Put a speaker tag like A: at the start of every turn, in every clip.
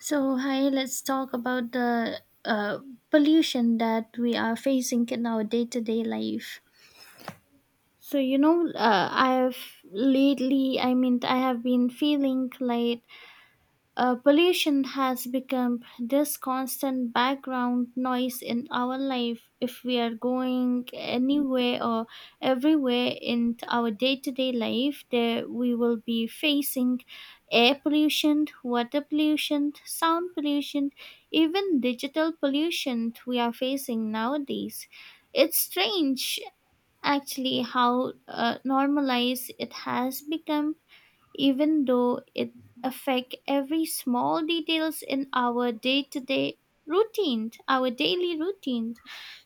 A: So, hi, let's talk about the pollution that we are facing in our day to day life. So, you know, I've lately, I mean, I have been feeling like pollution has become this constant background noise in our life if we are going anywhere or everywhere in our day-to-day life, there we will be facing air pollution, water pollution, sound pollution, even digital pollution we are facing nowadays. It's strange actually how normalized it has become, even though it affect every small details in our day-to-day routine, our daily routine.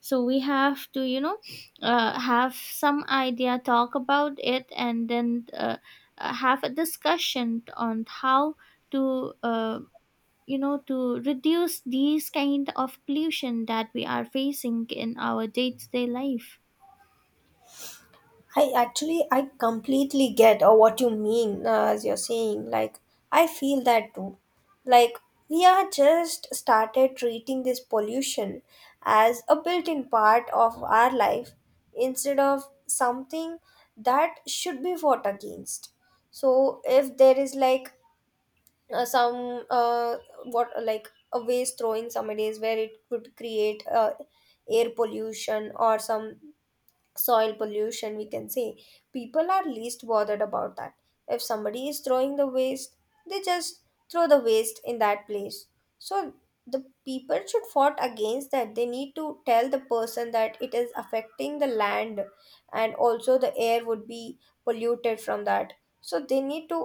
A: So we have to, have some idea, talk about it, and then have a discussion on how to, to reduce these kind of pollution that we are facing in our day-to-day life.
B: I completely get or what you mean as you're saying. Like, I feel that too. Like, we are just started treating this pollution as a built-in part of our life instead of something that should be fought against. So, if there is like some what like a waste throwing some days where it could create air pollution or some soil pollution, we can say people are least bothered about that. If somebody is throwing the waste, they just throw the waste in that place, so the people should fought against that. They need to tell the person that it is affecting the land, and also the air would be polluted from that. So they need to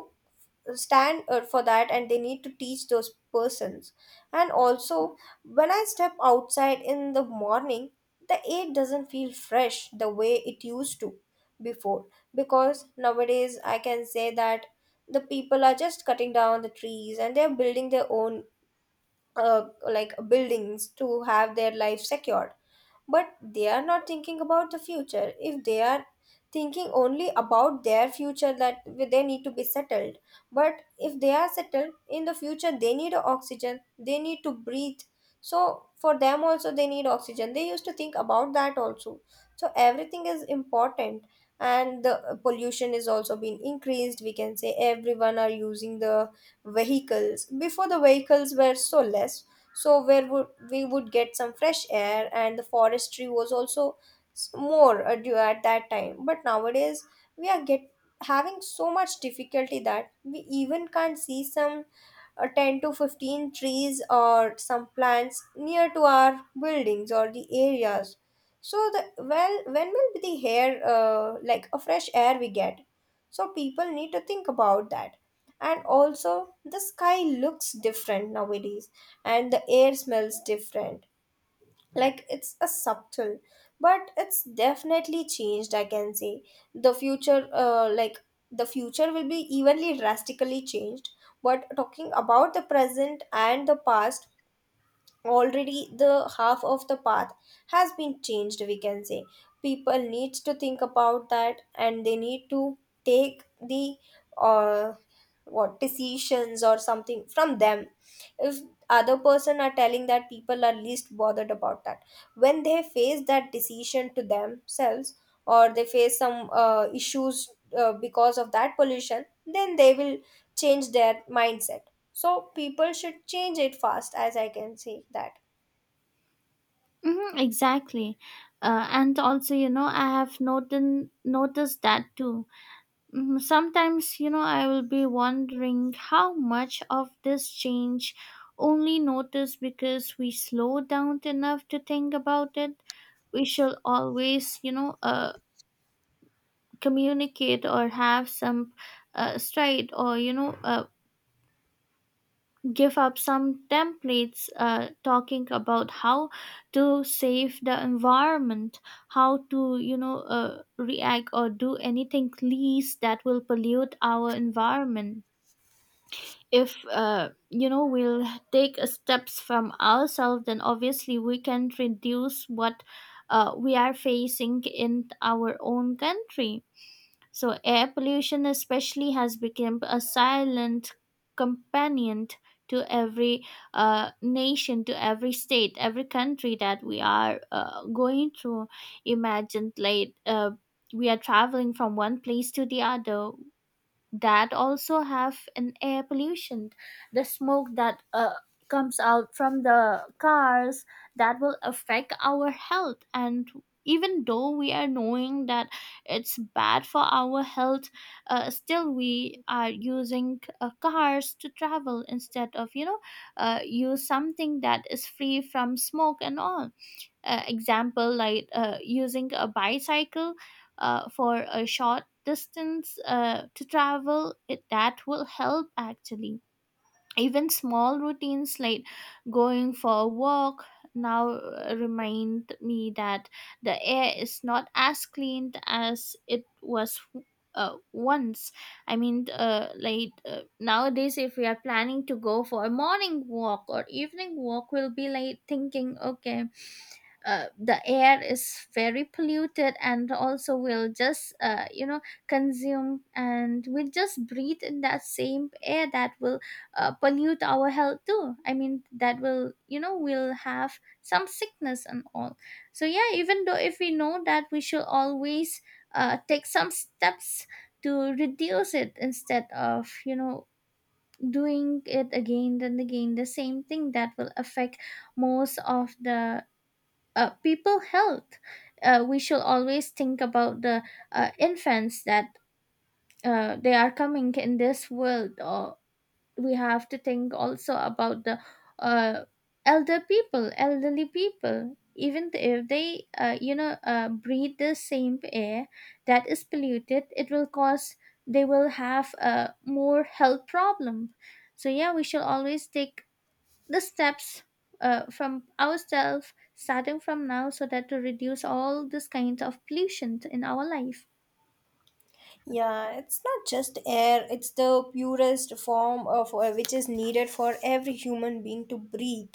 B: stand for that, and they need to teach those persons. And also, when I step outside in the morning, the air doesn't feel fresh the way it used to before, because nowadays I can say that the people are just cutting down the trees and they're building their own like buildings to have their life secured. But they are not thinking about the future. If they are thinking only about their future that they need to be settled, but if they are settled in the future they need oxygen, they need to breathe. So for them also they need oxygen, they used to think about that also. So everything is important. And the pollution is also being increased, we can say. Everyone are using the vehicles. Before, the vehicles were so less, so where would we would get some fresh air? And the forestry was also more due at that time, but nowadays we are get having so much difficulty that we even can't see some 10 to 15 trees or some plants near to our buildings or the areas. So the, well, when will be the air like a fresh air we get? So people need to think about that. And also, the sky looks different nowadays, and the air smells different. Like, it's a subtle, but it's definitely changed, I can say. The future uh, like the future will be evenly drastically changed. But talking about the present and the past, already the half of the path has been changed, we can say. People needs to think about that, and they need to take the uh, what decisions or something from them. If other person are telling that people are least bothered about that, when they face that decision to themselves or they face some issues because of that pollution, then they will change their mindset. So people should change it fast, as I can say that.
A: Hmm, exactly. And also, you know, I have noticed that too. Sometimes, you know, I will be wondering how much of this change only noticed because we slow down enough to think about it. We shall always, you know, communicate or have some stride, or, you know, give up some templates talking about how to save the environment, how to, react or do anything least that will pollute our environment. If we'll take a steps from ourselves, then obviously we can reduce what we are facing in our own country. So, air pollution, especially, has become a silent companion to every nation, to every state, every country that we are going through. Imagine, like, we are traveling from one place to the other. That also have an air pollution. The smoke that comes out from the cars, that will affect our health. And even though we are knowing that it's bad for our health, still we are using cars to travel instead of, use something that is free from smoke and all, example, like, using a bicycle for a short distance to travel it, that will help actually. Even small routines, like going for a walk, now remind me that the air is not as clean as it was once. I mean, like, nowadays if we are planning to go for a morning walk or evening walk, we'll be like thinking, okay, the air is very polluted, and also we'll just, consume and we'll just breathe in that same air that will pollute our health too. I mean, that will, we'll have some sickness and all. So yeah, even though if we know that we should always take some steps to reduce it instead of, doing it again and again the same thing that will affect most of the people health. We should always think about the infants that they are coming in this world, or we have to think also about the uh, elderly people. Even if they, breathe the same air that is polluted, it will cause, they will have a more health problem. So yeah, we should always take the steps from ourselves, starting from now, so that to reduce all this kinds of pollution in our life.
B: Yeah, it's not just air, it's the purest form of which is needed for every human being to breathe.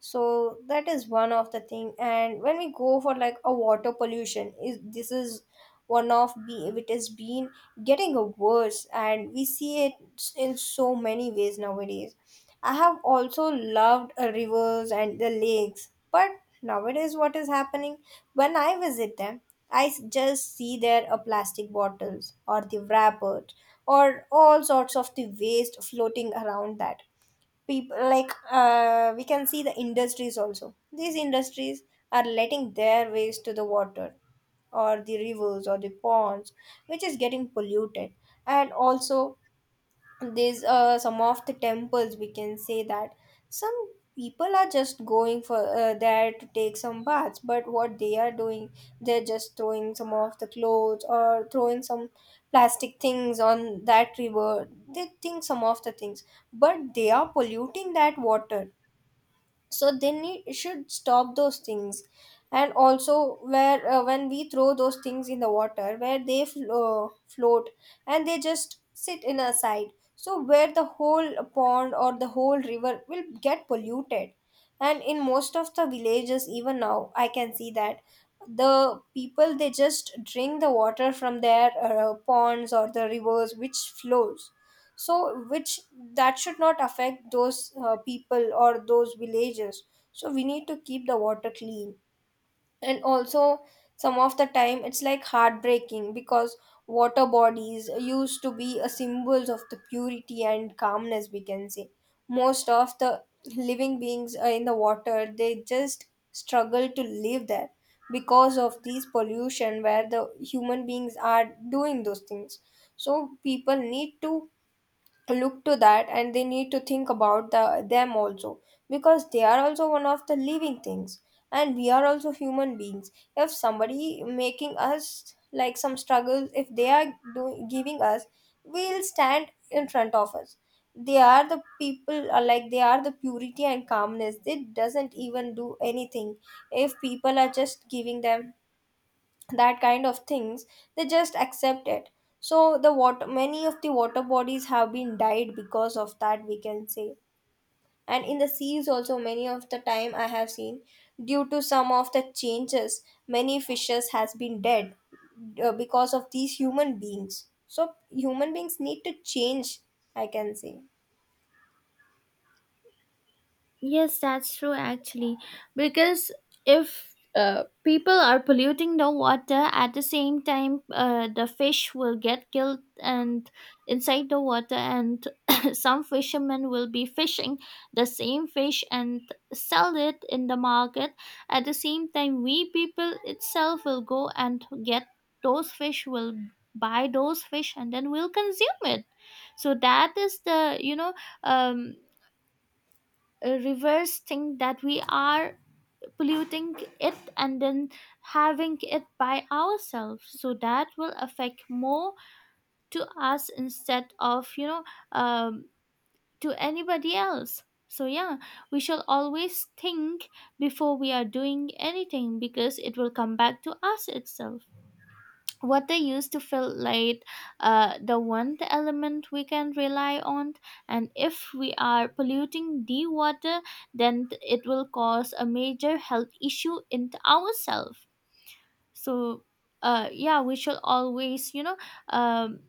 B: So that is one of the thing. And when we go for like a water pollution is, this is one of the, it has been getting worse, and we see it in so many ways nowadays. I have also loved rivers and the lakes, but nowadays what is happening when I visit them, I just see there are plastic bottles or the wrappers or all sorts of the waste floating around that people like. We can see the industries also. These industries are letting their waste to the water or the rivers or the ponds, which is getting polluted. And also, these some of the temples, we can say that some people are just going for there to take some baths. But what they are doing, they're just throwing some of the clothes or throwing some plastic things on that river. They think some of the things, but they are polluting that water. So they need, should stop those things. And also, where when we throw those things in the water where they float, and they just sit in a side. So where the whole pond or the whole river will get polluted. And in most of the villages, even now I can see that the people, they just drink the water from their ponds or the rivers which flows. So which that should not affect those people or those villages. So we need to keep the water clean. And also, some of the time it's like heartbreaking, because water bodies used to be a symbols of the purity and calmness, we can say. Most of the living beings are in the water, they just struggle to live there because of these pollution where the human beings are doing those things. So people need to look to that, and they need to think about the, them also, because they are also one of the living things, and we are also human beings. If somebody making us like some struggles, if they are doing giving us, we'll stand in front of us. They are the people are like, they are the purity and calmness, they doesn't even do anything. If people are just giving them that kind of things, they just accept it. So the water, many of the water bodies have been died because of that, we can say. And in the seas also, many of the time I have seen, due to some of the changes, many fishes has been dead because of these human beings. So human beings need to change, I can say.
A: Yes, that's true actually. Because if people are polluting the water at the same time, the fish will get killed and inside the water, and some fishermen will be fishing the same fish and sell it in the market. At the same time, we people itself will go and get those fish, will buy those fish, and then we'll consume it. So that is the, um reverse thing that we are polluting it and then having it by ourselves, so that will affect more to us instead of, um, to anybody else. So yeah, we shall always think before we are doing anything because it will come back to us itself. What they used to feel like the one element we can rely on. And if we are polluting the water, then it will cause a major health issue in ourselves. So yeah, we should always, you know, um,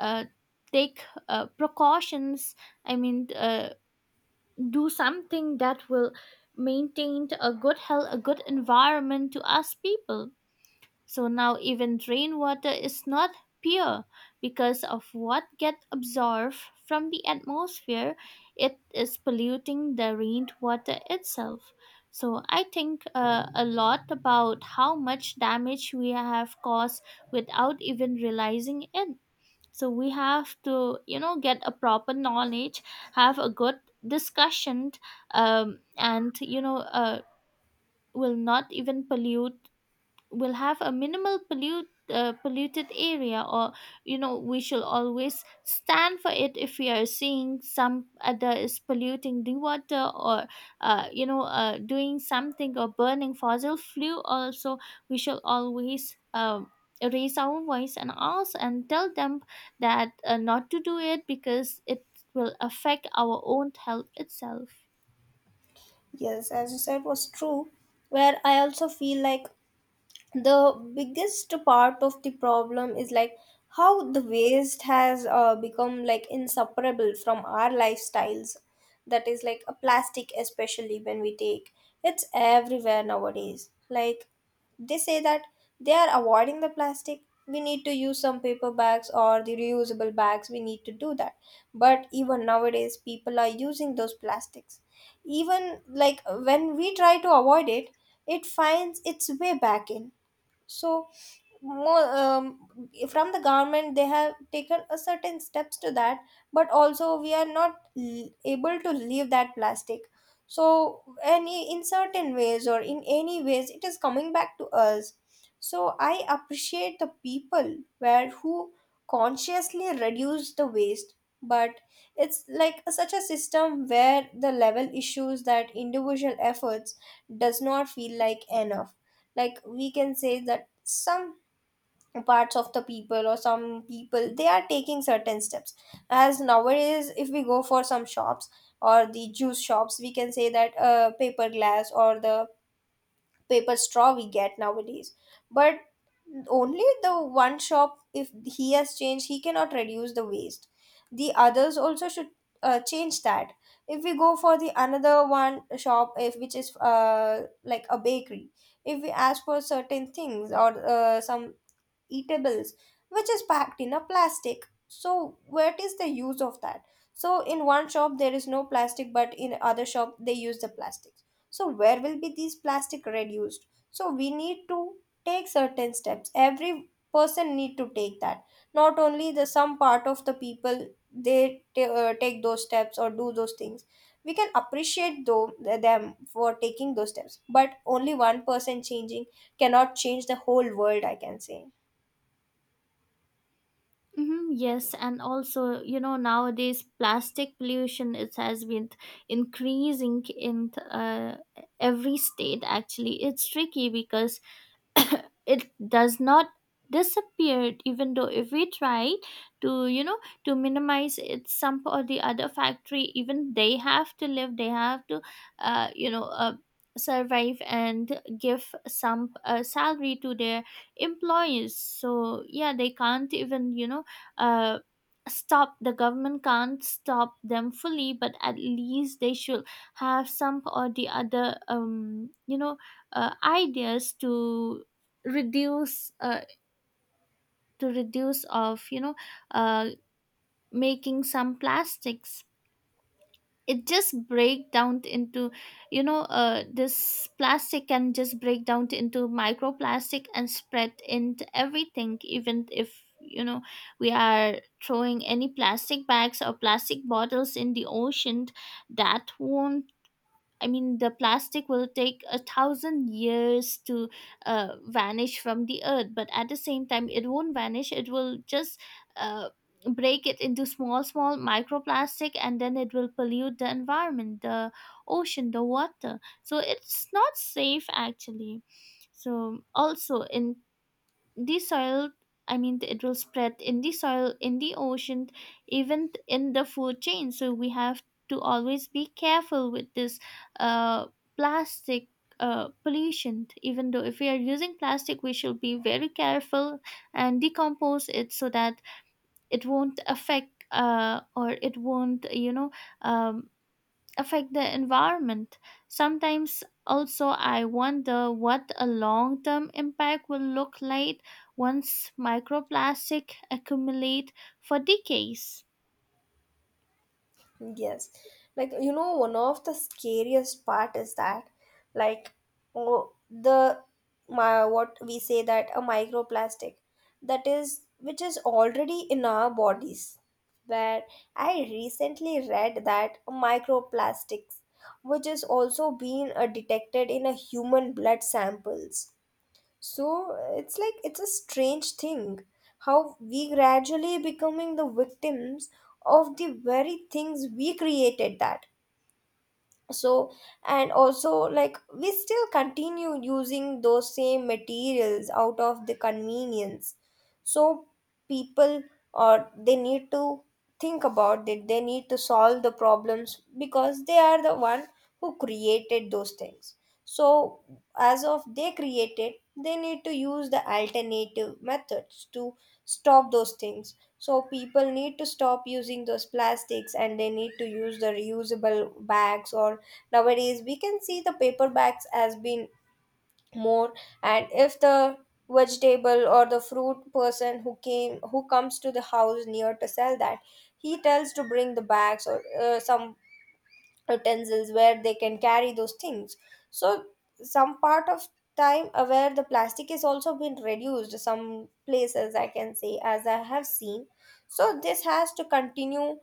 A: uh, take precautions. I mean, do something that will maintain a good health, a good environment to us people. So now even rainwater is not pure because of what gets absorbed from the atmosphere. It is polluting the rainwater itself. So I think a lot about how much damage we have caused without even realizing it. So we have to, you know, get a proper knowledge, have a good discussion, and you know, will not even pollute, will have a minimal polluted area, or you know we should always stand for it if we are seeing some other is polluting the water, or doing something or burning fossil fuel also. We should always raise our voice and ask and tell them that not to do it, because it will affect our own health itself.
B: Yes, as you said was true, where I also feel like the biggest part of the problem is like how the waste has become like inseparable from our lifestyles. That is like a plastic, especially when we take, it's everywhere nowadays. Like, they say that they are avoiding the plastic, we need to use some paper bags or the reusable bags, we need to do that. But even nowadays people are using those plastics. Even like when we try to avoid it, it finds its way back in. So more from the government, they have taken a certain steps to that. But also we are not able to leave that plastic. So any, in certain ways or in any ways, it is coming back to us. So I appreciate the people where who consciously reduce the waste. But it's like such a system where the level issues that individual efforts does not feel like enough. Like, we can say that some parts of the people or some people they are taking certain steps. As nowadays if we go for some shops or the juice shops, we can say that paper glass or the paper straw we get nowadays. But only the one shop, if he has changed, he cannot reduce the waste. The others also should change that. If we go for the another one shop, if which is like a bakery, if we ask for certain things or some eatables which is packed in a plastic, so what is the use of that? So in one shop there is no plastic, but in other shop they use the plastics. So where will be these plastic reduced? So we need to take certain steps, every person need to take that, not only the some part of the people. They take those steps or do those things. We can appreciate though them for taking those steps, but only one person changing cannot change the whole world, I can say.
A: Hmm, yes, and also you know nowadays plastic pollution, it has been increasing in every state. Actually, it's tricky because it does not disappear, even though if we try to, you know, to minimize it. Some or the other factory, even they have to live, they have to uh, you know uh, survive and give some salary to their employees. So yeah, they can't even, uh, stop, the government can't stop them fully, but at least they should have some or the other, ideas to reduce, of, uh, making some plastics. It just break down into, this plastic can just break down into microplastic and spread into everything, even if, you know, we are throwing any plastic bags or plastic bottles in the ocean, that won't. I mean, the plastic will take 1,000 years to vanish from the earth, but at the same time, it won't vanish. It will just uh, break it into small, small microplastic, and then it will pollute the environment, the ocean, the water. So it's not safe actually. So also in the soil, I mean it will spread in the soil, in the ocean, in the food chain. So we have to always be careful with this uh, plastic pollution. Even though if we are using plastic, we should be very careful and decompose it so that it won't affect, or it won't, um, affect the environment. Sometimes also I wonder what a long-term impact will look like once microplastic accumulate for decades.
B: Yes. Like, you know, one of the scariest part is that, like, oh, the my what we say that a microplastic, that is which is already in our bodies. Where I recently read that microplastics, which is also being detected in a human blood samples, so it's like it's a strange thing how we gradually becoming the victims of the very things we created that. So and also like we still continue using those same materials out of the convenience. So people or they need to think about it, they need to solve the problems because they are the one who created those things. So as of they created, they need to use the alternative methods to stop those things. So people need to stop using those plastics and they need to use the reusable bags or nowadays, we can see the paper bags has been more, and if the vegetable or the fruit person who comes to the house near to sell that, he tells to bring the bags or some utensils where they can carry those things. So some part of time, where the plastic is also been reduced some places, I can say as I have seen. So this has to continue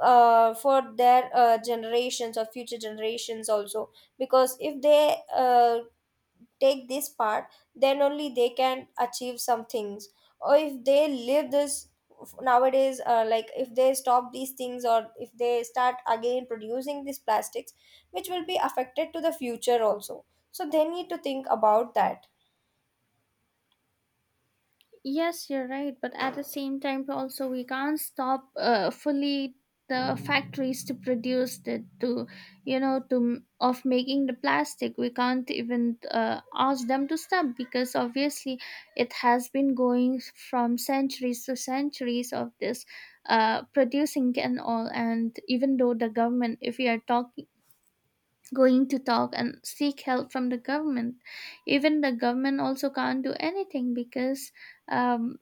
B: for their generations or future generations also, because if they take this part, then only they can achieve some things. Or if they live this nowadays, like if they stop these things or if they start again producing these plastics, which will be affected to the future also. So they need to think about that.
A: Yes, you're right, but at the same time, also we can't stop fully the factories to produce, the to you know to m- of making the plastic. We can't even ask them to stop, because obviously it has been going from centuries to centuries of this producing and all. And even though the government, if we are talking going to talk and seek help from the government, even the government also can't do anything because. Um,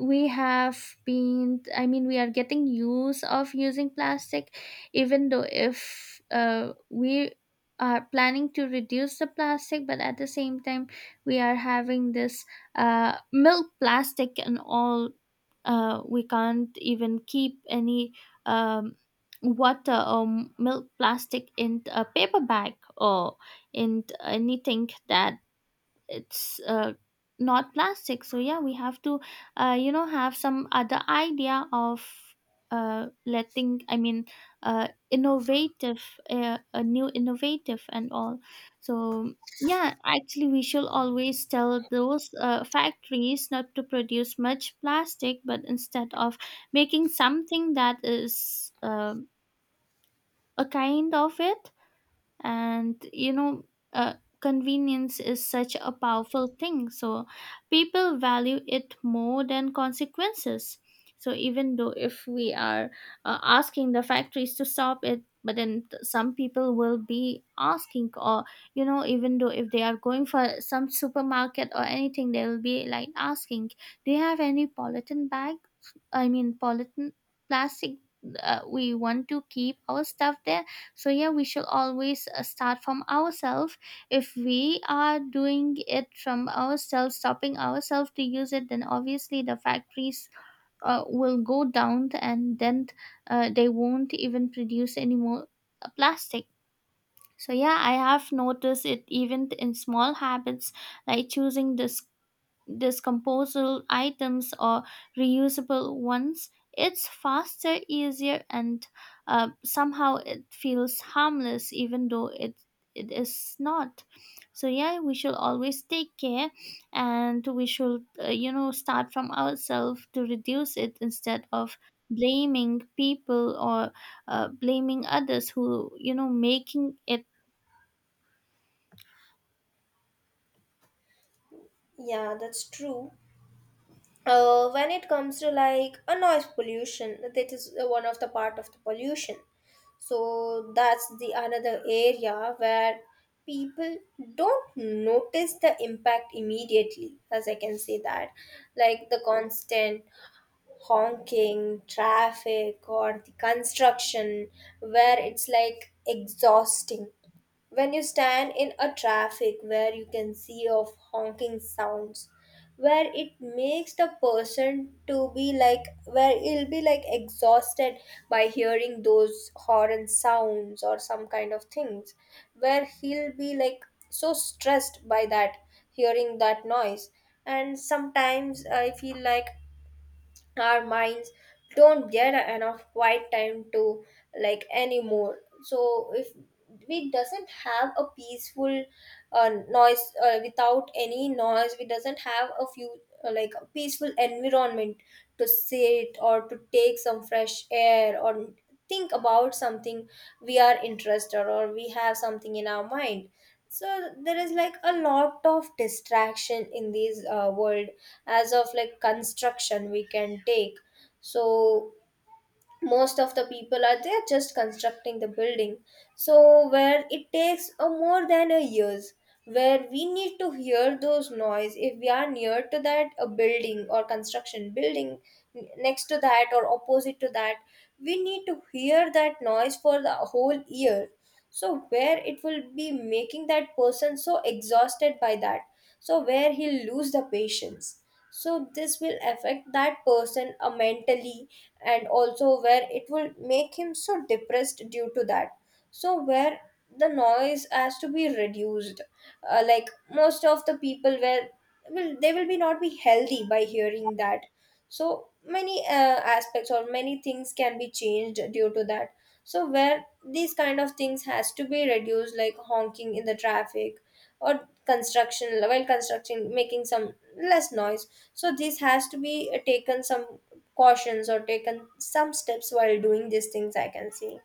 A: we have been I mean, we are getting use of using plastic. Even though if we are planning to reduce the plastic, but at the same time we are having this milk plastic and all. We can't even keep any um, water or milk plastic in a paper bag, or in anything that it's not plastic. So yeah, we have to, have some other idea of letting, I mean, innovative, a new innovative and all. So yeah actually we should always tell those factories not to produce much plastic, but instead of making something that is, a kind of it. And you know, uh, convenience is such a powerful thing, so people value it more than consequences. So even though if we are asking the factories to stop it, but some people will be asking, or you know, even though if they are going for some supermarket or anything, they will be like asking, do you have any polythene bag, I mean polythene plastic, we want to keep our stuff there. So yeah, we should always start from ourselves. If we are doing it from ourselves, stopping ourselves to use it, then obviously the factories will go down, and then they won't even produce any more plastic. So yeah, I have noticed it even in small habits, like choosing this disposable items or reusable ones. It's faster, easier, and somehow it feels harmless, even though it is not. So yeah, we should always take care, and we should start from ourselves to reduce it instead of blaming people or blaming others who making it.
B: Yeah, that's true. When it comes to like a noise pollution, that is one of the part of the pollution, so that's the another area where people don't notice the impact immediately, as I can say that, like the constant honking, traffic, or the construction, where it's like exhausting. When you stand in a traffic where you can see of honking sounds, where it makes the person to be like, where he'll be like exhausted by hearing those horn sounds or some kind of things, where he'll be like so stressed by that, hearing that noise. And sometimes I feel like our minds don't get enough quiet time to, like, anymore. So if we doesn't have a peaceful noise, without any noise, we doesn't have a few like a peaceful environment to sit or to take some fresh air or think about something we are interested or we have something in our mind. So there is like a lot of distraction in this world. As of like construction we can take, so most of the people are there just constructing the building, so where it takes a more than a years, where we need to hear those noise if we are near to that a building or construction building, next to that or opposite to that, we need to hear that noise for the whole year. So where it will be making that person so exhausted by that, so where he'll lose the patience. So this will affect that person mentally, and also where it will make him so depressed due to that. So where the noise has to be reduced, like most of the people where will they will be not be healthy by hearing that. So many aspects or many things can be changed due to that. So where these kind of things has to be reduced, like honking in the traffic or construction, while constructing making some less noise. So this has to be taken some cautions or taken some steps while doing these things, I can see.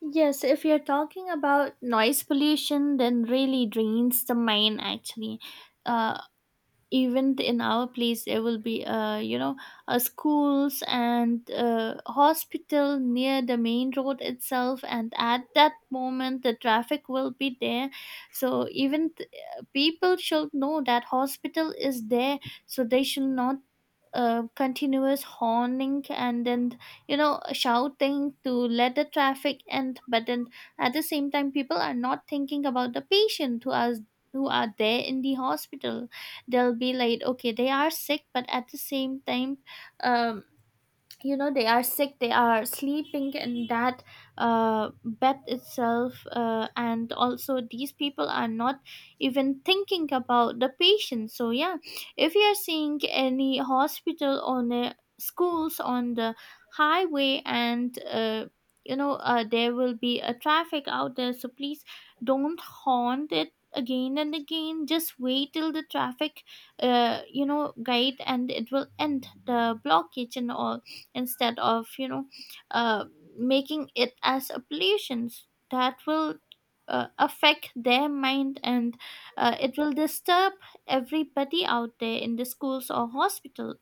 A: Yes, if you're talking about noise pollution, then really drains the mind actually. Uh, Even in our place, there will be, schools and hospital near the main road itself, and at that moment, the traffic will be there. So people should know that hospital is there, so they should not continuous horning, and then shouting to let the traffic end. But then at the same time, people are not thinking about the patient who are there in the hospital. They'll be like, okay, they are sick, but at the same time, um they are sick, they are sleeping in that bed itself. And also these people are not even thinking about the patient. So yeah, if you are seeing any hospital on the schools on the highway, and there will be a traffic out there, so please don't haunt it again and again. Just wait till the traffic guide and it will end the blockage and all, instead of uh, making it as oblations that will affect their mind, and it will disturb everybody out there in the schools or hospital.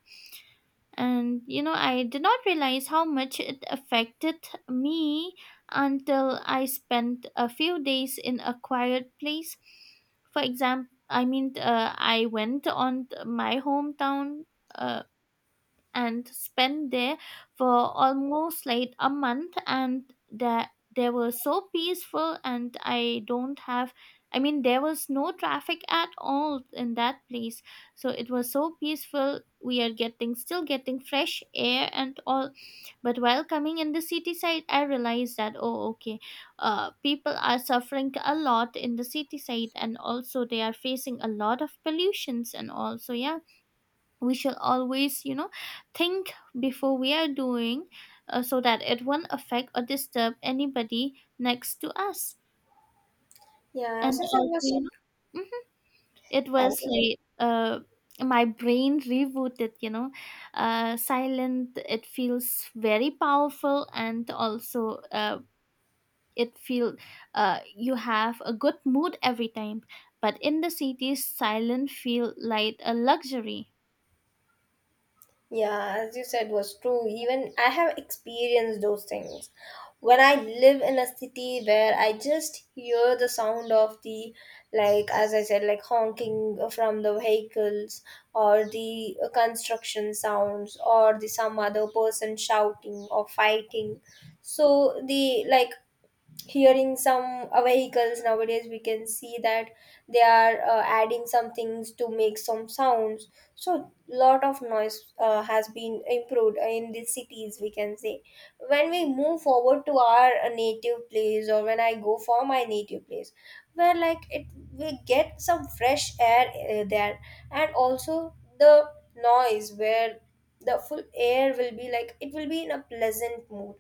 A: And I did not realize how much it affected me until I spent a few days in a quiet place. For example, I mean, I went on my hometown, uh, and spent there for almost like a month, and that they were so peaceful. And I don't have, I mean, there was no traffic at all in that place, so it was so peaceful, we are getting, still getting fresh air and all. But while coming in the city side, I realized that, oh okay, people are suffering a lot in the city side, and also they are facing a lot of pollutions. And also, yeah, we should always think before we are doing, so that it won't affect or disturb anybody next to us.
B: yeah
A: And
B: as you said
A: also,
B: was
A: mhm, it
B: as
A: was
B: you-
A: like my brain rebooted, silent, it feels very powerful. And also it feel, you have a good mood every time. But in the cities, silent feel like a luxury.
B: yeah, as you said was true, even I have experienced those things. When I live in a city where I just hear the sound of the, like as I said, like honking from the vehicles or the construction sounds or the some other person shouting or fighting. So the like hearing some vehicles, nowadays we can see that they are adding some things to make some sounds. So lot of noise has been improved in the cities, we can say. When we move forward to our native place, or when I go for my native place, where like it we get some fresh air there. And also the noise, where the full air will be like it will be in a pleasant mood,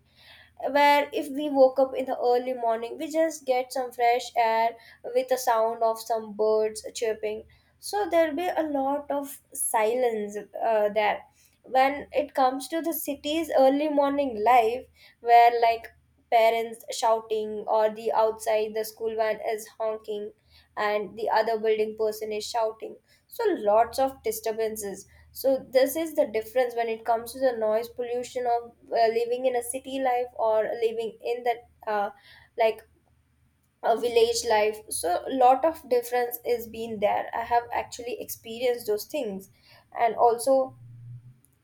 B: where if we woke up in the early morning we just get some fresh air with the sound of some birds chirping. So there'll be a lot of silence there. When it comes to the city's early morning life, where like parents shouting or the outside the school van is honking and the other building person is shouting, so lots of disturbances. So this is the difference when it comes to the noise pollution of living in a city life or living in that like a village life. So a lot of difference is been there. I have actually experienced those things. And also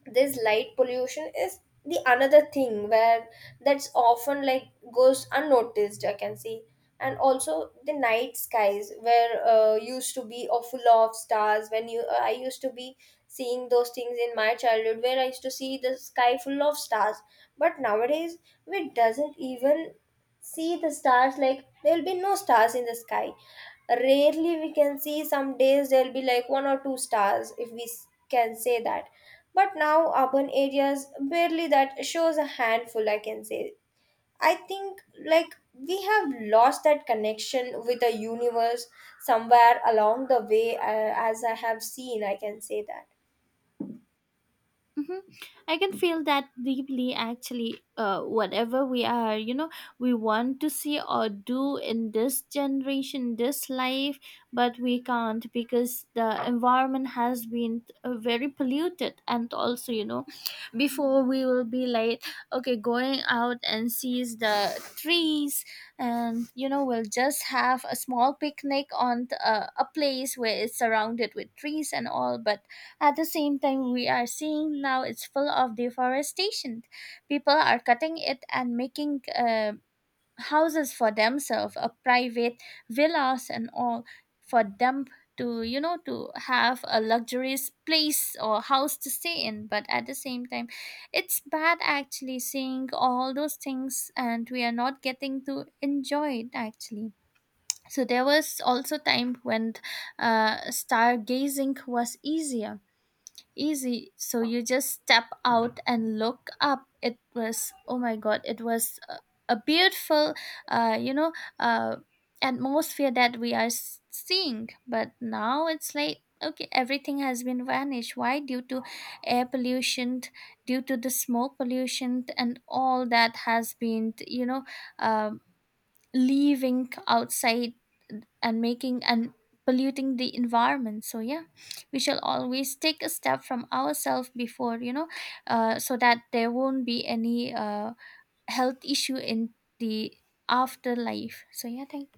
B: this light pollution is the another thing where that's often like goes unnoticed, I can see. And also the night skies where used to be or full of stars, when you I used to be seeing those things in my childhood, where I used to see the sky full of stars. But nowadays we doesn't even see the stars, like there'll be no stars in the sky. Rarely we can see some days there'll be like one or two stars, if we can say that. But now urban areas barely that shows a handful, I can say. I think like we have lost that connection with the universe somewhere along the way, as I have seen, I can say that.
A: Hmm. I can feel that deeply actually. Whatever we are, we want to see or do in this generation, this life, but we can't because the environment has been very polluted. And also, before we will be like, okay, going out and sees the trees, and we'll just have a small picnic on a place where it's surrounded with trees and all. But at the same time, we are seeing now it's full of deforestation. People are cutting it and making houses for themselves, a private villas and all for them, to to have a luxurious place or house to stay in. But at the same time, it's bad actually seeing all those things, and we are not getting to enjoy it actually. So there was also time when stargazing was easier easy. So you just step out and look up. It was, oh my God, it was a beautiful, uh, you know, uh, atmosphere that we are seeing. But now it's like, okay, everything has been vanished. Why? Due to air pollution, due to the smoke pollution, and all that has been, um, leaving outside and making and polluting the environment. So yeah, we shall always take a step from ourselves before so that there won't be any health issue in the afterlife. So yeah, thank